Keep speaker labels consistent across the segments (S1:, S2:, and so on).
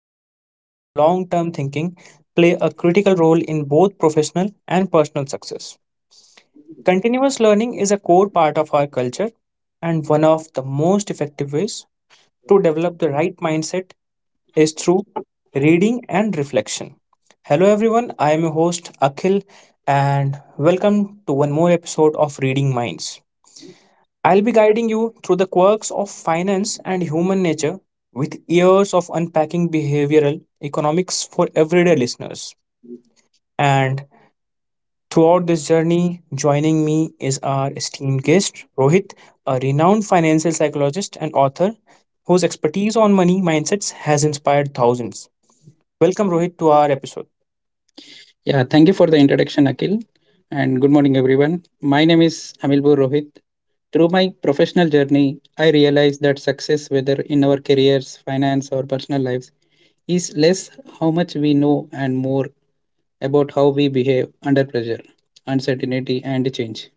S1: resilience, and long term thinking play a critical role in both professional and personal success. Continuous learning is a core part of our culture, and one of the most effective ways to develop the right mindset is through reading and reflection. Hello, everyone. I am your host, Akhil, and welcome to one more episode of Reading Minds. I'll be guiding you through the quirks of finance and human nature with years of unpacking behavioral economics for everyday listeners. And throughout this journey, joining me is our esteemed guest, Rohit, a renowned financial psychologist and author whose expertise on money mindsets has inspired thousands. Welcome, Rohit, to our episode.
S2: Yeah, thank you for the introduction, Akhil, and good morning, everyone. My name is Amilpur Rohit. Through my professional journey, I realized that success, whether in our careers, finance, or personal lives, is less how much we know and more about how we behave under pressure, uncertainty, and change.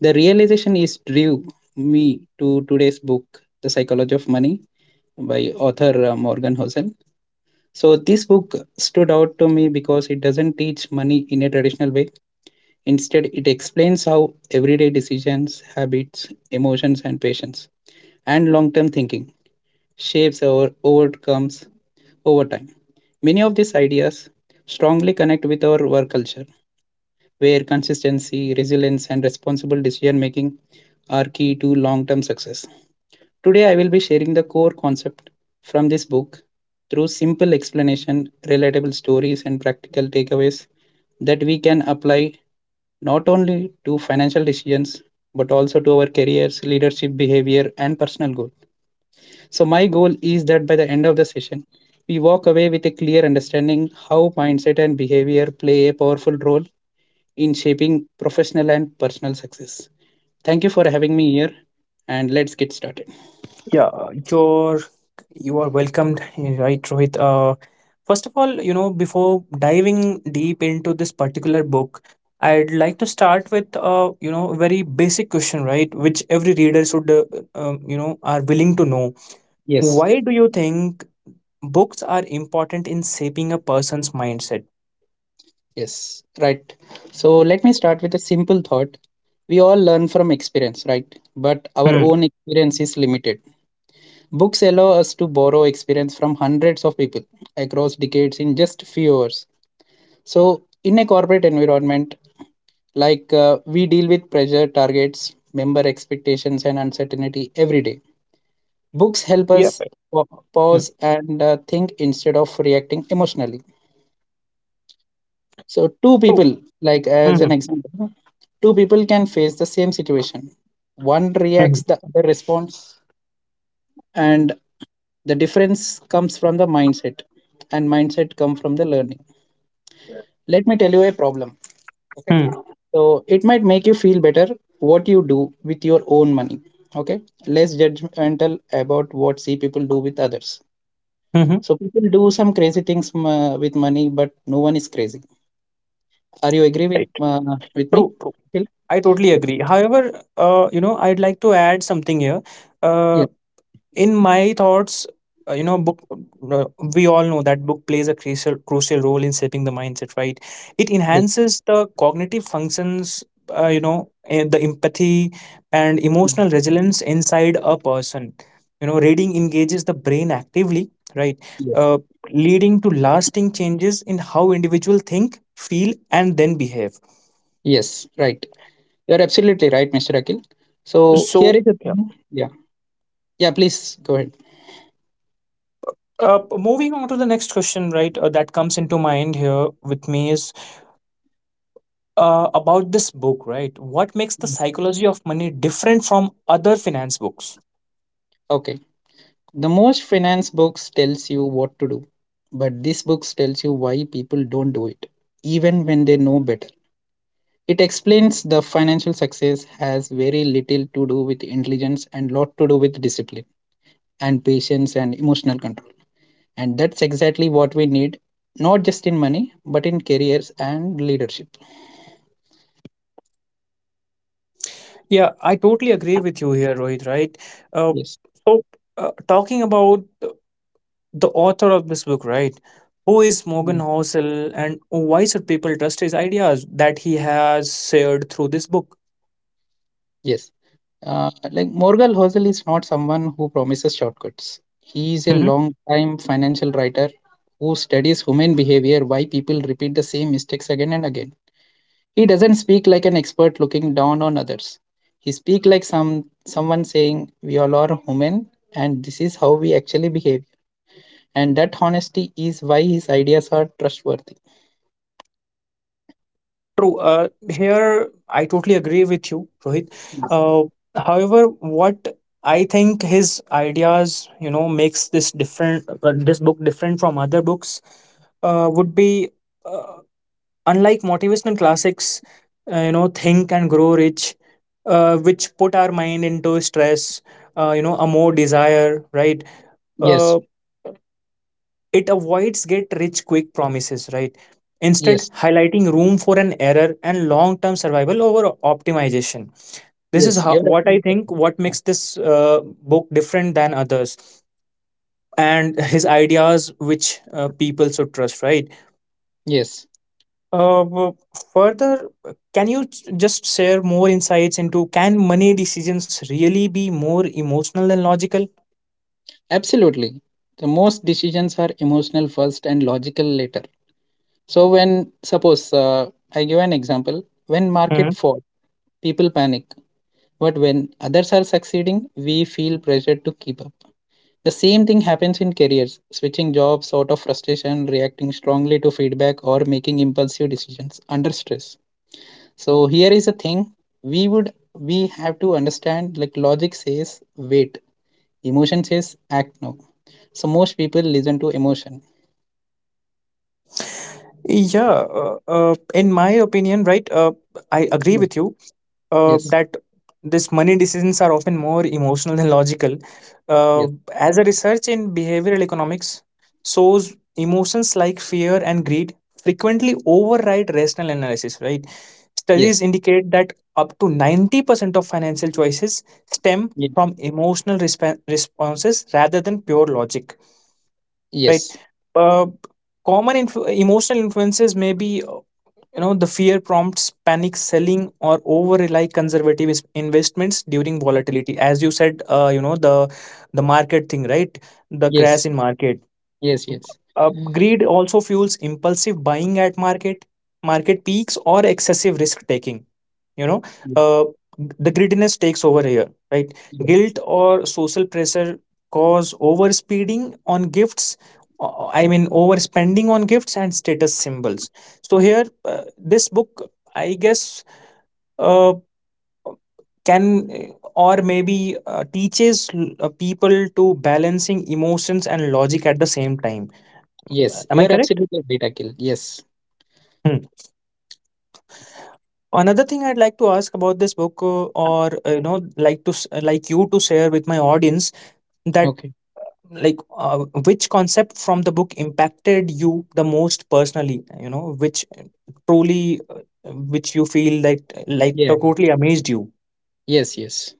S2: The realization is drew me to today's book, The Psychology of Money, by author Morgan Housel. So, this book stood out to me because it doesn't teach money in a traditional way. Instead, it explains how everyday decisions, habits, emotions, and patience and long term thinking shapes our outcomes over time. Many of these ideas strongly connect with our work culture, where consistency, resilience, and responsible decision making are key to long term success. Today, I will be sharing the core concept from this book through simple explanation, relatable stories, and practical takeaways that we can apply not only to financial decisions but also to our careers, leadership behavior, and personal goal. So my goal is that by the end of the session we walk away with a clear understanding how mindset and behavior play a powerful role in shaping professional and personal success. Thank you for having me here, and let's get started.
S1: Yeah, your You are welcomed, right, Rohit? First of all, before diving deep into this particular book, I'd like to start with, very basic question, right, which every reader should, are willing to know.
S2: Yes.
S1: Why do you think books are important in shaping a person's mindset?
S2: Yes, right. So let me start with a simple thought. We all learn from experience, right? But our
S1: Hmm.
S2: own experience is limited. Books allow us to borrow experience from hundreds of people across decades in just few hours. So, in a corporate environment, we deal with pressure, targets, member expectations, and uncertainty every day. Books help
S1: Yeah.
S2: us pa-
S1: Hmm.
S2: pause and think instead of reacting emotionally. So, two
S1: True.
S2: people, like as an
S1: Hmm.
S2: example, two people can face the same situation. One reacts,
S1: Hmm.
S2: the other responds, and the difference comes from the mindset, and mindset come from the learning. Let me tell you a problem. Okay,
S1: Hmm.
S2: so it might make you feel better what you do with your own money. Okay, less judgmental about what see people do with others.
S1: Hmm.
S2: So people do some crazy things with money, but no one is crazy. Are you agree
S1: Right.
S2: with me,
S1: True. True.
S2: Akhil?
S1: I totally
S2: Yes.
S1: agree. However, I'd like to add something here. Uh, in my thoughts, book, we all know that book plays a crucial role in shaping the mindset, right? It
S2: yes
S1: enhances the cognitive functions, the empathy and
S2: yes
S1: emotional resilience inside a person. Reading engages the brain actively, right?
S2: yes
S1: uh, Leading to lasting changes in how individual think, feel, and then behave,
S2: Yes, right. You're absolutely right, Mr. Akil. So here
S1: so
S2: is a—
S1: yeah.
S2: Yeah. Yeah, please, go ahead.
S1: Moving on to the next question, right, that comes into mind here with me is, about this book, right? What makes The Psychology of Money different from other finance books?
S2: Okay. The most finance books tells you what to do, but this book tells you why people don't do it, even when they know better. It explains the financial success has very little to do with intelligence and lot to do with discipline and patience and emotional control. And that's exactly what we need, not just in money, but in careers and leadership.
S1: Yeah, I totally agree with you here, Rohit, right? Uh,
S2: Yes.
S1: so, talking about the author of this book, right? Who is Morgan Housel and why should people trust his ideas that he has shared through this book?
S2: Yes. Like Morgan Housel is not someone who promises shortcuts. He is a long-time financial writer who studies human behavior, why people repeat the same mistakes again and again. He doesn't speak like an expert looking down on others. He speaks like someone saying, "We all are human, and this is how we actually behave." And that honesty is why his ideas are trustworthy.
S1: True. Here, I totally agree with you, Rohit. Uh, However, what I think his ideas, makes this different, this book different from other books, would be, uh, unlike motivational classics, Think and Grow Rich, which put our mind into stress, a more desire, right?
S2: Yes,
S1: Uh, it avoids get rich quick promises, right? Instead,
S2: yes,
S1: highlighting room for an error and long term survival over optimization. This is
S2: yes.
S1: how,
S2: You're
S1: what I
S2: absolutely
S1: think what
S2: right.
S1: makes this, book different than others, and his ideas which, people should trust, right?
S2: Yes.
S1: Uh, w- Further, can you just share more insights into: can money decisions really be more emotional than logical?
S2: Absolutely. The most decisions are emotional first and logical later. So when suppose I give an example, when market
S1: Mhm.
S2: falls, people panic. But when others are succeeding, we feel pressure to keep up. The same thing happens in careers, switching jobs out of frustration, reacting strongly to feedback or making impulsive decisions under stress. So here is a thing we have to understand, like logic says wait. Emotion says act now. So most people listen to emotion.
S1: Yeah, in my opinion, right, I agree
S2: Mm.
S1: with you,
S2: Yes,
S1: that this money decisions are often more emotional than logical. Uh,
S2: yes,
S1: as a research in behavioral economics shows, emotions like fear and greed frequently override rational analysis, right?
S2: yes,
S1: Studies indicate that up to 90% of financial choices stem
S2: ye-
S1: from emotional responses rather than pure logic, right?
S2: yes,
S1: Uh, Common emotional influences may be, the fear prompts panic selling or over rely conservative investments during volatility, as you said, the market thing, right? The
S2: yes,
S1: crash in market.
S2: yes, yes,
S1: Greed also fuels impulsive buying at market peaks or excessive risk taking, you know
S2: ye-
S1: uh, the greediness takes over here, right?
S2: yes,
S1: Guilt or social pressure cause overspeeding on gifts, I mean overspending on gifts and status symbols. So here, this book, I guess, uh, can, or maybe, teaches, people to balancing emotions and logic at the same time.
S2: yes.
S1: Am I
S2: You are
S1: correct?
S2: absolutely right, Akhil. Yes.
S1: Hmm. Another thing I'd like to ask about this book, or, like to, like you to share with my audience that,
S2: Okay.
S1: like uh, which concept from the book impacted you the most personally. Which, truly, which you feel like,
S2: Yeah.
S1: totally amazed you.
S2: Yes.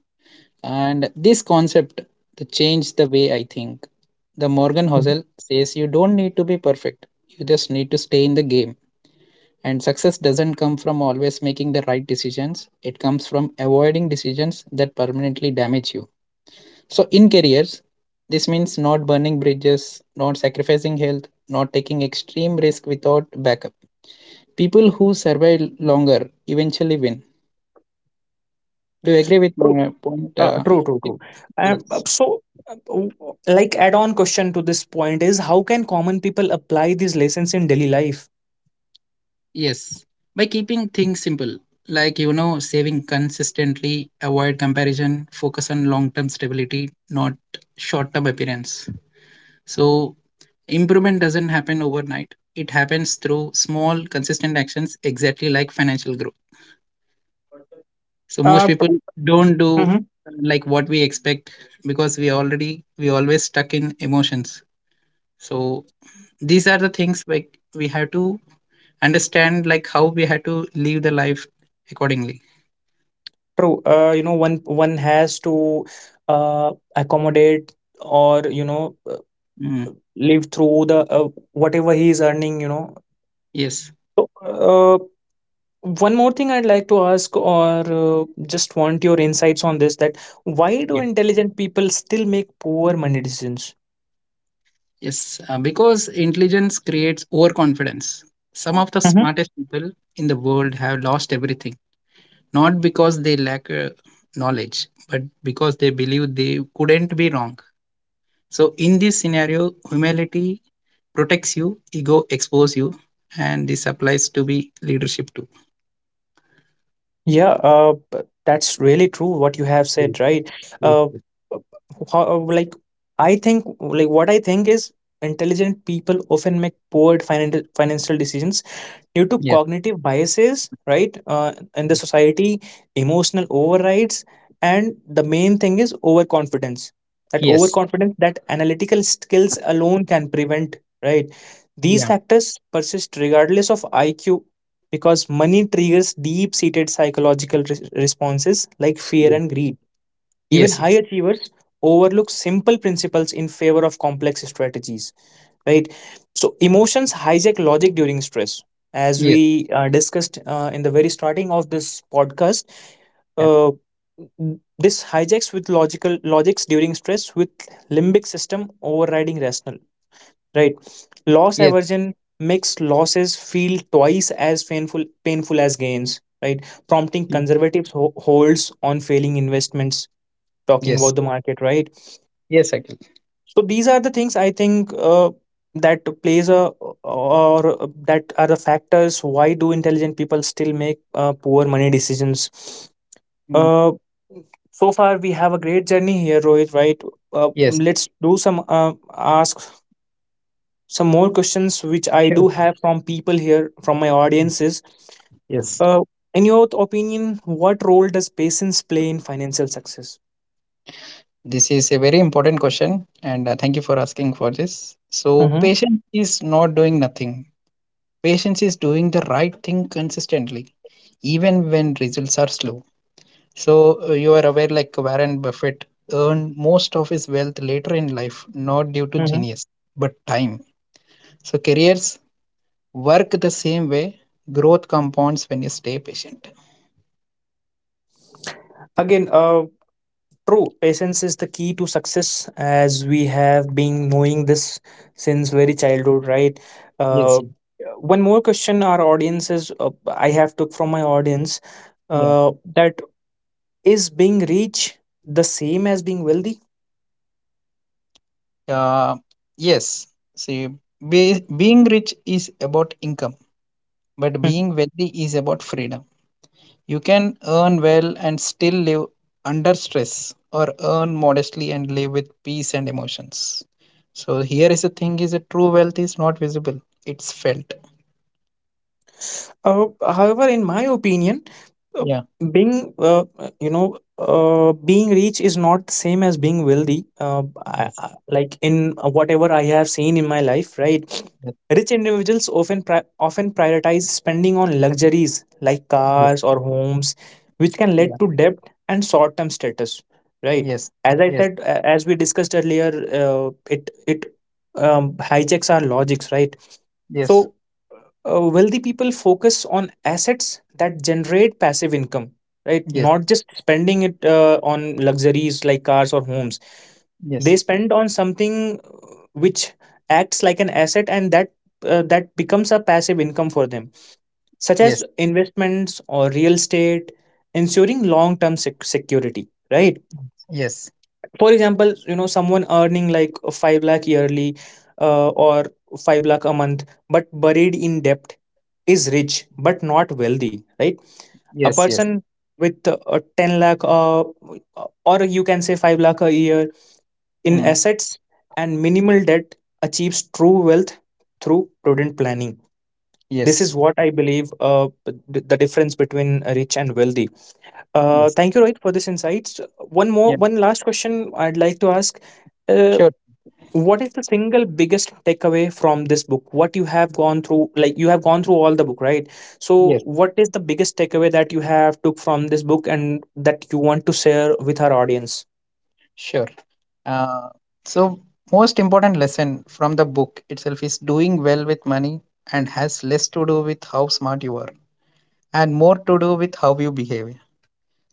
S2: And this concept to change the way I think. The Morgan
S1: Mhm.
S2: Housel says you don't need to be perfect. You just need to stay in the game. And success doesn't come from always making the right decisions. It comes from avoiding decisions that permanently damage you. So, in careers, this means not burning bridges, not sacrificing health, not taking extreme risk without backup. People who survive longer eventually win. Do you agree with
S1: True,
S2: my point? Uh,
S1: true, true, true.
S2: yes.
S1: So, like add-on question to this point is: how can common people apply these lessons in daily life?
S2: Yes. By keeping things simple, like you know, saving consistently, avoid comparison, focus on long term stability, not short term appearance. So, improvement doesn't happen overnight, it happens through small, consistent actions, exactly like financial growth. So most
S1: Uh,
S2: people don't do
S1: True.
S2: like what we expect, because we always stuck in emotions. So these are the things like we have to understand like how we have to live the life accordingly.
S1: True. One has to, uh, accommodate, or
S2: Mm.
S1: live through the, whatever he is earning.
S2: Yes.
S1: So, uh, one more thing I'd like to ask, or, just want your insights on this: that why do
S2: Yeah.
S1: intelligent people still make poor money decisions?
S2: Yes, because intelligence creates overconfidence. Some of the smartest people in the world have lost everything, not because they lack knowledge but because they believe they couldn't be wrong. So in this scenario humility protects you, ego expose you, and this applies to be leadership too.
S1: Yeah, that's really true what you have
S2: Yes,
S1: said, right?
S2: yes,
S1: Uh,
S2: yes.
S1: uh, how, like I think, like what I think is intelligent people often make poor financial decisions due to cognitive biases, right? In the society, emotional overrides, and the main thing is overconfidence. That
S2: Yes. Yes.
S1: overconfidence that analytical skills alone can prevent, right? These
S2: Yeah.
S1: factors persist regardless of IQ because money triggers deep seated psychological responses like fear
S2: Yeah.
S1: and greed. Even
S2: Yes.
S1: high
S2: Yes.
S1: achievers overlook simple principles in favor of complex strategies, right? So emotions hijack logic during stress, as
S2: Yes.
S1: we, discussed, in the very starting of this podcast.
S2: Yeah.
S1: uh, this hijacks with logical logics during stress, with limbic system overriding rational, right? Loss
S2: Yes.
S1: aversion makes losses feel twice as painful as gains, right? Prompting
S2: Yes.
S1: conservative holds on failing investments, talking
S2: Yes.
S1: about the market, right?
S2: Yes. Akhil.
S1: So these are the things I think, that plays a, or that are the factors why do intelligent people still make, poor money decisions.
S2: Mm.
S1: uh, so far we have a great journey here, Rohit, right? uh,
S2: Yes.
S1: let's do some, ask some more questions which I do
S2: Sure.
S1: have from people here, from my audiences.
S2: Yes.
S1: uh, in your opinion, what role does patience play in financial success?
S2: This is a very important question, and thank you for asking for this. So,
S1: Hmm.
S2: patience is not doing nothing. Patience is doing the right thing consistently, even when results are slow. So you are aware, like Warren Buffett earned most of his wealth later in life, not due to
S1: Hmm.
S2: genius, but time. So careers work the same way. Growth compounds when you stay patient.
S1: Again, true, patience is the key to success, as we have been knowing this since very childhood, right?
S2: Yes.
S1: Uh, One more question our audience is, I have took from my audience,
S2: Yeah.
S1: that is being rich the same as being wealthy?
S2: Uh, yes. See, being rich is about income, but
S1: Hmm.
S2: being wealthy is about freedom. You can earn well and still live under stress, or earn modestly and live with peace and emotions. So here is the thing: is a true wealth is not visible; it's felt.
S1: However, in my opinion, uh,
S2: Yeah.
S1: being, being rich is not the same as being wealthy. Uh, I,
S2: Yes.
S1: I, like in whatever I have seen in my life, right? Rich individuals often prioritize spending on luxuries like
S2: Yes. Yes.
S1: cars or homes, which can
S2: Yeah.
S1: lead to debt and short term status, right?
S2: Yes.
S1: As I
S2: Yes.
S1: said, as we discussed earlier, it it hijacks our logics, right?
S2: Yes.
S1: So, wealthy people focus on assets that generate passive income, right? Not just spending it, on luxuries like cars or homes. They
S2: Yes.
S1: spend on something, which acts like an asset, and that, that becomes a passive income for them, such as
S2: Yes. Yes.
S1: investments or real estate, ensuring long term security, right?
S2: Yes.
S1: For example, someone earning like 5 lakh yearly, or 5 lakh a month, but buried in debt, is rich but not wealthy, right? A
S2: Yes. Yes.
S1: person with, a 10 lakh, or you can say 5 lakh a year in
S2: Mm.
S1: assets and minimal debt achieves true wealth through prudent planning. This is
S2: Yes.
S1: what I believe, the difference between rich and wealthy.
S2: Yes.
S1: Thank you, Rohit, for this insights. One
S2: Yeah.
S1: more, one last question I'd like to ask. Uh,
S2: Sure.
S1: what is the single biggest takeaway from this book? What you have gone through, like you have gone through all the book, right? So,
S2: Yes.
S1: what is the biggest takeaway that you have took from this book and that you want to share with our audience?
S2: Sure. Uh, so most important lesson from the book itself is doing well with money and has less to do with how smart you are and more to do with how you behave.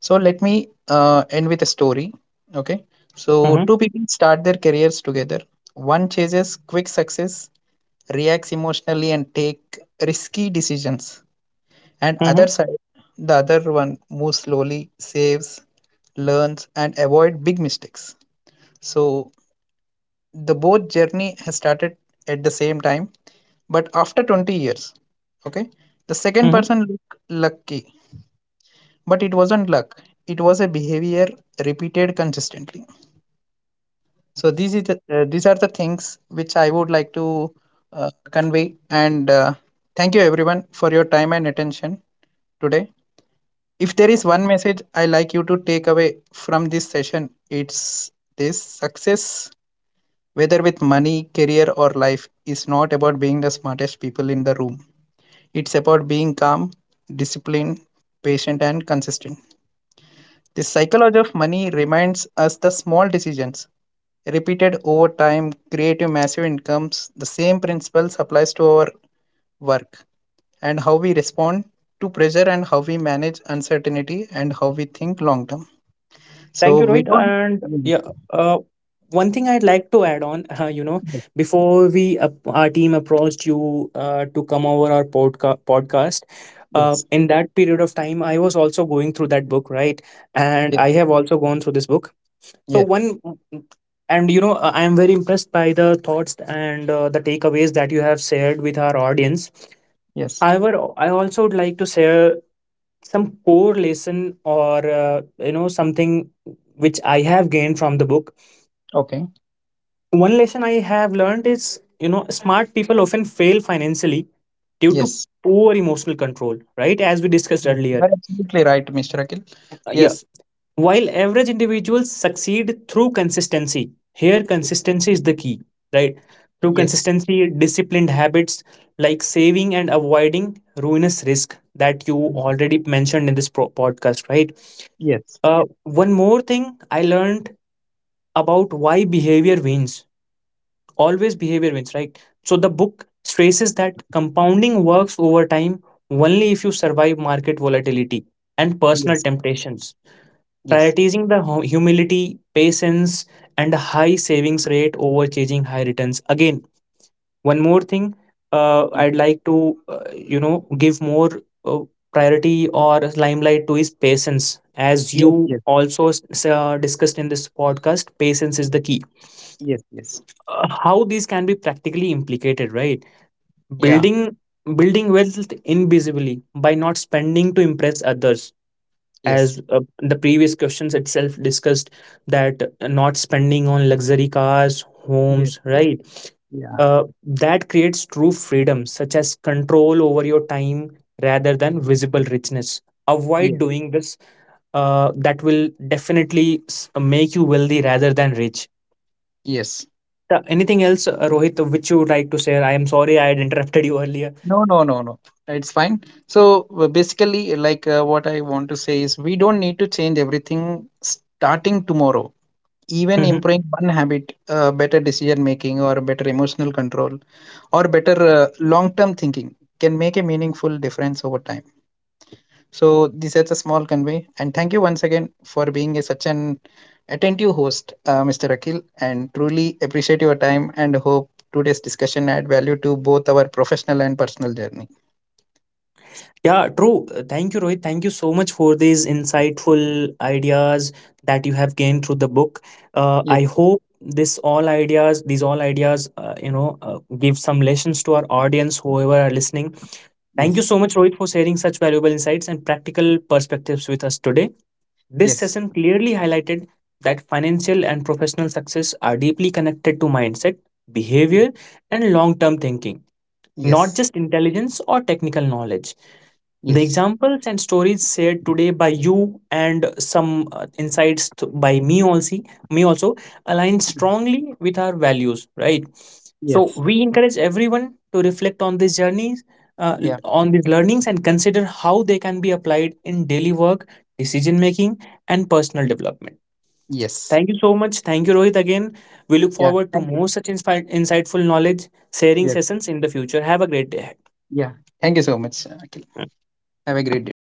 S2: So let me end with a story. Okay. So
S1: Mm-hmm.
S2: two people start their careers together. One chases quick success, reacts emotionally and take risky decisions. And
S1: Mm-hmm.
S2: other side, the other one moves slowly, saves, learns and avoid big mistakes. So the both journey has started at the same time, but after 20 years, okay, the second person looked lucky, but it wasn't luck, it was a behavior repeated consistently. So these are the things which I would like to convey, and thank you everyone for your time and attention today. If there is one message I like you to take away from this session, it's this: success, whether with money, career, or life, is not about being the smartest people in the room. It's about being calm, disciplined, patient, and consistent. The Psychology of Money reminds us the small decisions repeated over time create a massive incomes. The same principles applies to our work, and how we respond to pressure, and how we manage uncertainty, and how we think long term.
S1: Thank
S2: So
S1: you,
S2: we
S1: Rohit.
S2: don't.
S1: And
S2: Mm.
S1: yeah, uh, one thing I'd like to add on,
S2: Yes.
S1: before we our team approached you, to come over our podcast,
S2: Yes.
S1: in that period of time, I was also going through that book, right? And
S2: Yes.
S1: I have also gone through this book. So
S2: Yes.
S1: one, and you know, I am very impressed by the thoughts and, the takeaways that you have shared with our audience.
S2: Yes.
S1: However, I also would like to share some core lesson, or, you know something which I have gained from the book.
S2: Okay.
S1: One lesson I have learned is, smart people often fail financially due to
S2: Yes.
S1: poor emotional control, right, as we discussed
S2: Yes, you
S1: earlier.
S2: are absolutely right, Mr. Akhil.
S1: Yeah,
S2: Yes,
S1: while average individuals succeed through consistency. Here consistency is the key, right? Through
S2: yes,
S1: consistency, disciplined habits like saving and avoiding ruinous risk, that you already mentioned in this podcast, right?
S2: yes,
S1: One more thing I learned about why behavior wins. Always behavior wins, right? So the book stresses that compounding works over time only if you survive market volatility and personal
S2: yes,
S1: temptations.
S2: yes,
S1: Prioritizing the humility, patience, and a high savings rate over chasing high returns. Again, one more thing, I'd like to, give more, uh, priority or limelight to his patience. As
S2: yes, yes,
S1: you
S2: yes,
S1: also, discussed in this podcast, patience is the key.
S2: yes,
S1: How these can be practically implicated, right?
S2: yeah,
S1: Building building wealth invisibly by not spending to impress others,
S2: yes,
S1: as, the previous questions itself discussed, that not spending on luxury cars,
S2: yes,
S1: homes, right?
S2: yeah,
S1: That creates true freedom, such as control over your time rather than visible richness.
S2: yes,
S1: Avoid doing this. That will definitely, make you wealthy rather than rich.
S2: yes.
S1: Anything else, Rohit, which you would like to share? I am sorry I had interrupted you earlier.
S2: No, no, no, no. It's fine. So basically, like what I want to say is, we don't need to change everything starting tomorrow. Even improving one habit, better decision making, or better emotional control, or better long term thinking can make a meaningful difference over time. So this is a small convey, and thank you once again for being a, such an attentive host, Mr. Akhil, and truly appreciate your time and hope today's discussion add value to both our professional and personal journey.
S1: Yeah, true. Thank you, Rohit. Thank you so much for these insightful ideas that you have gained through the book.
S2: Yes,
S1: I hope these all ideas, give some lessons to our audience, whoever are listening. Thank you
S2: yes,
S1: so much, Rohit, for sharing such valuable insights and practical perspectives with us today. This
S2: yes,
S1: session clearly highlighted that financial and professional success are deeply connected to mindset, behavior, and long term thinking, not
S2: yes,
S1: just intelligence or technical knowledge. The
S2: yes,
S1: examples and stories shared today by you and some, insights, by me also, me also align strongly with our values, right? So
S2: yes,
S1: we encourage everyone to reflect on these journeys,
S2: yeah,
S1: on these learnings, and consider how they can be applied in daily work, decision making, and personal development.
S2: yes,
S1: Thank you so much. Thank you, Rohit. Again, we look
S2: yeah.
S1: forward to
S2: Thank you.
S1: more such insightful knowledge sharing
S2: Yes,
S1: sessions in the future. Have a great day ahead.
S2: yeah. Thank you so much, Akhil. Have a great day.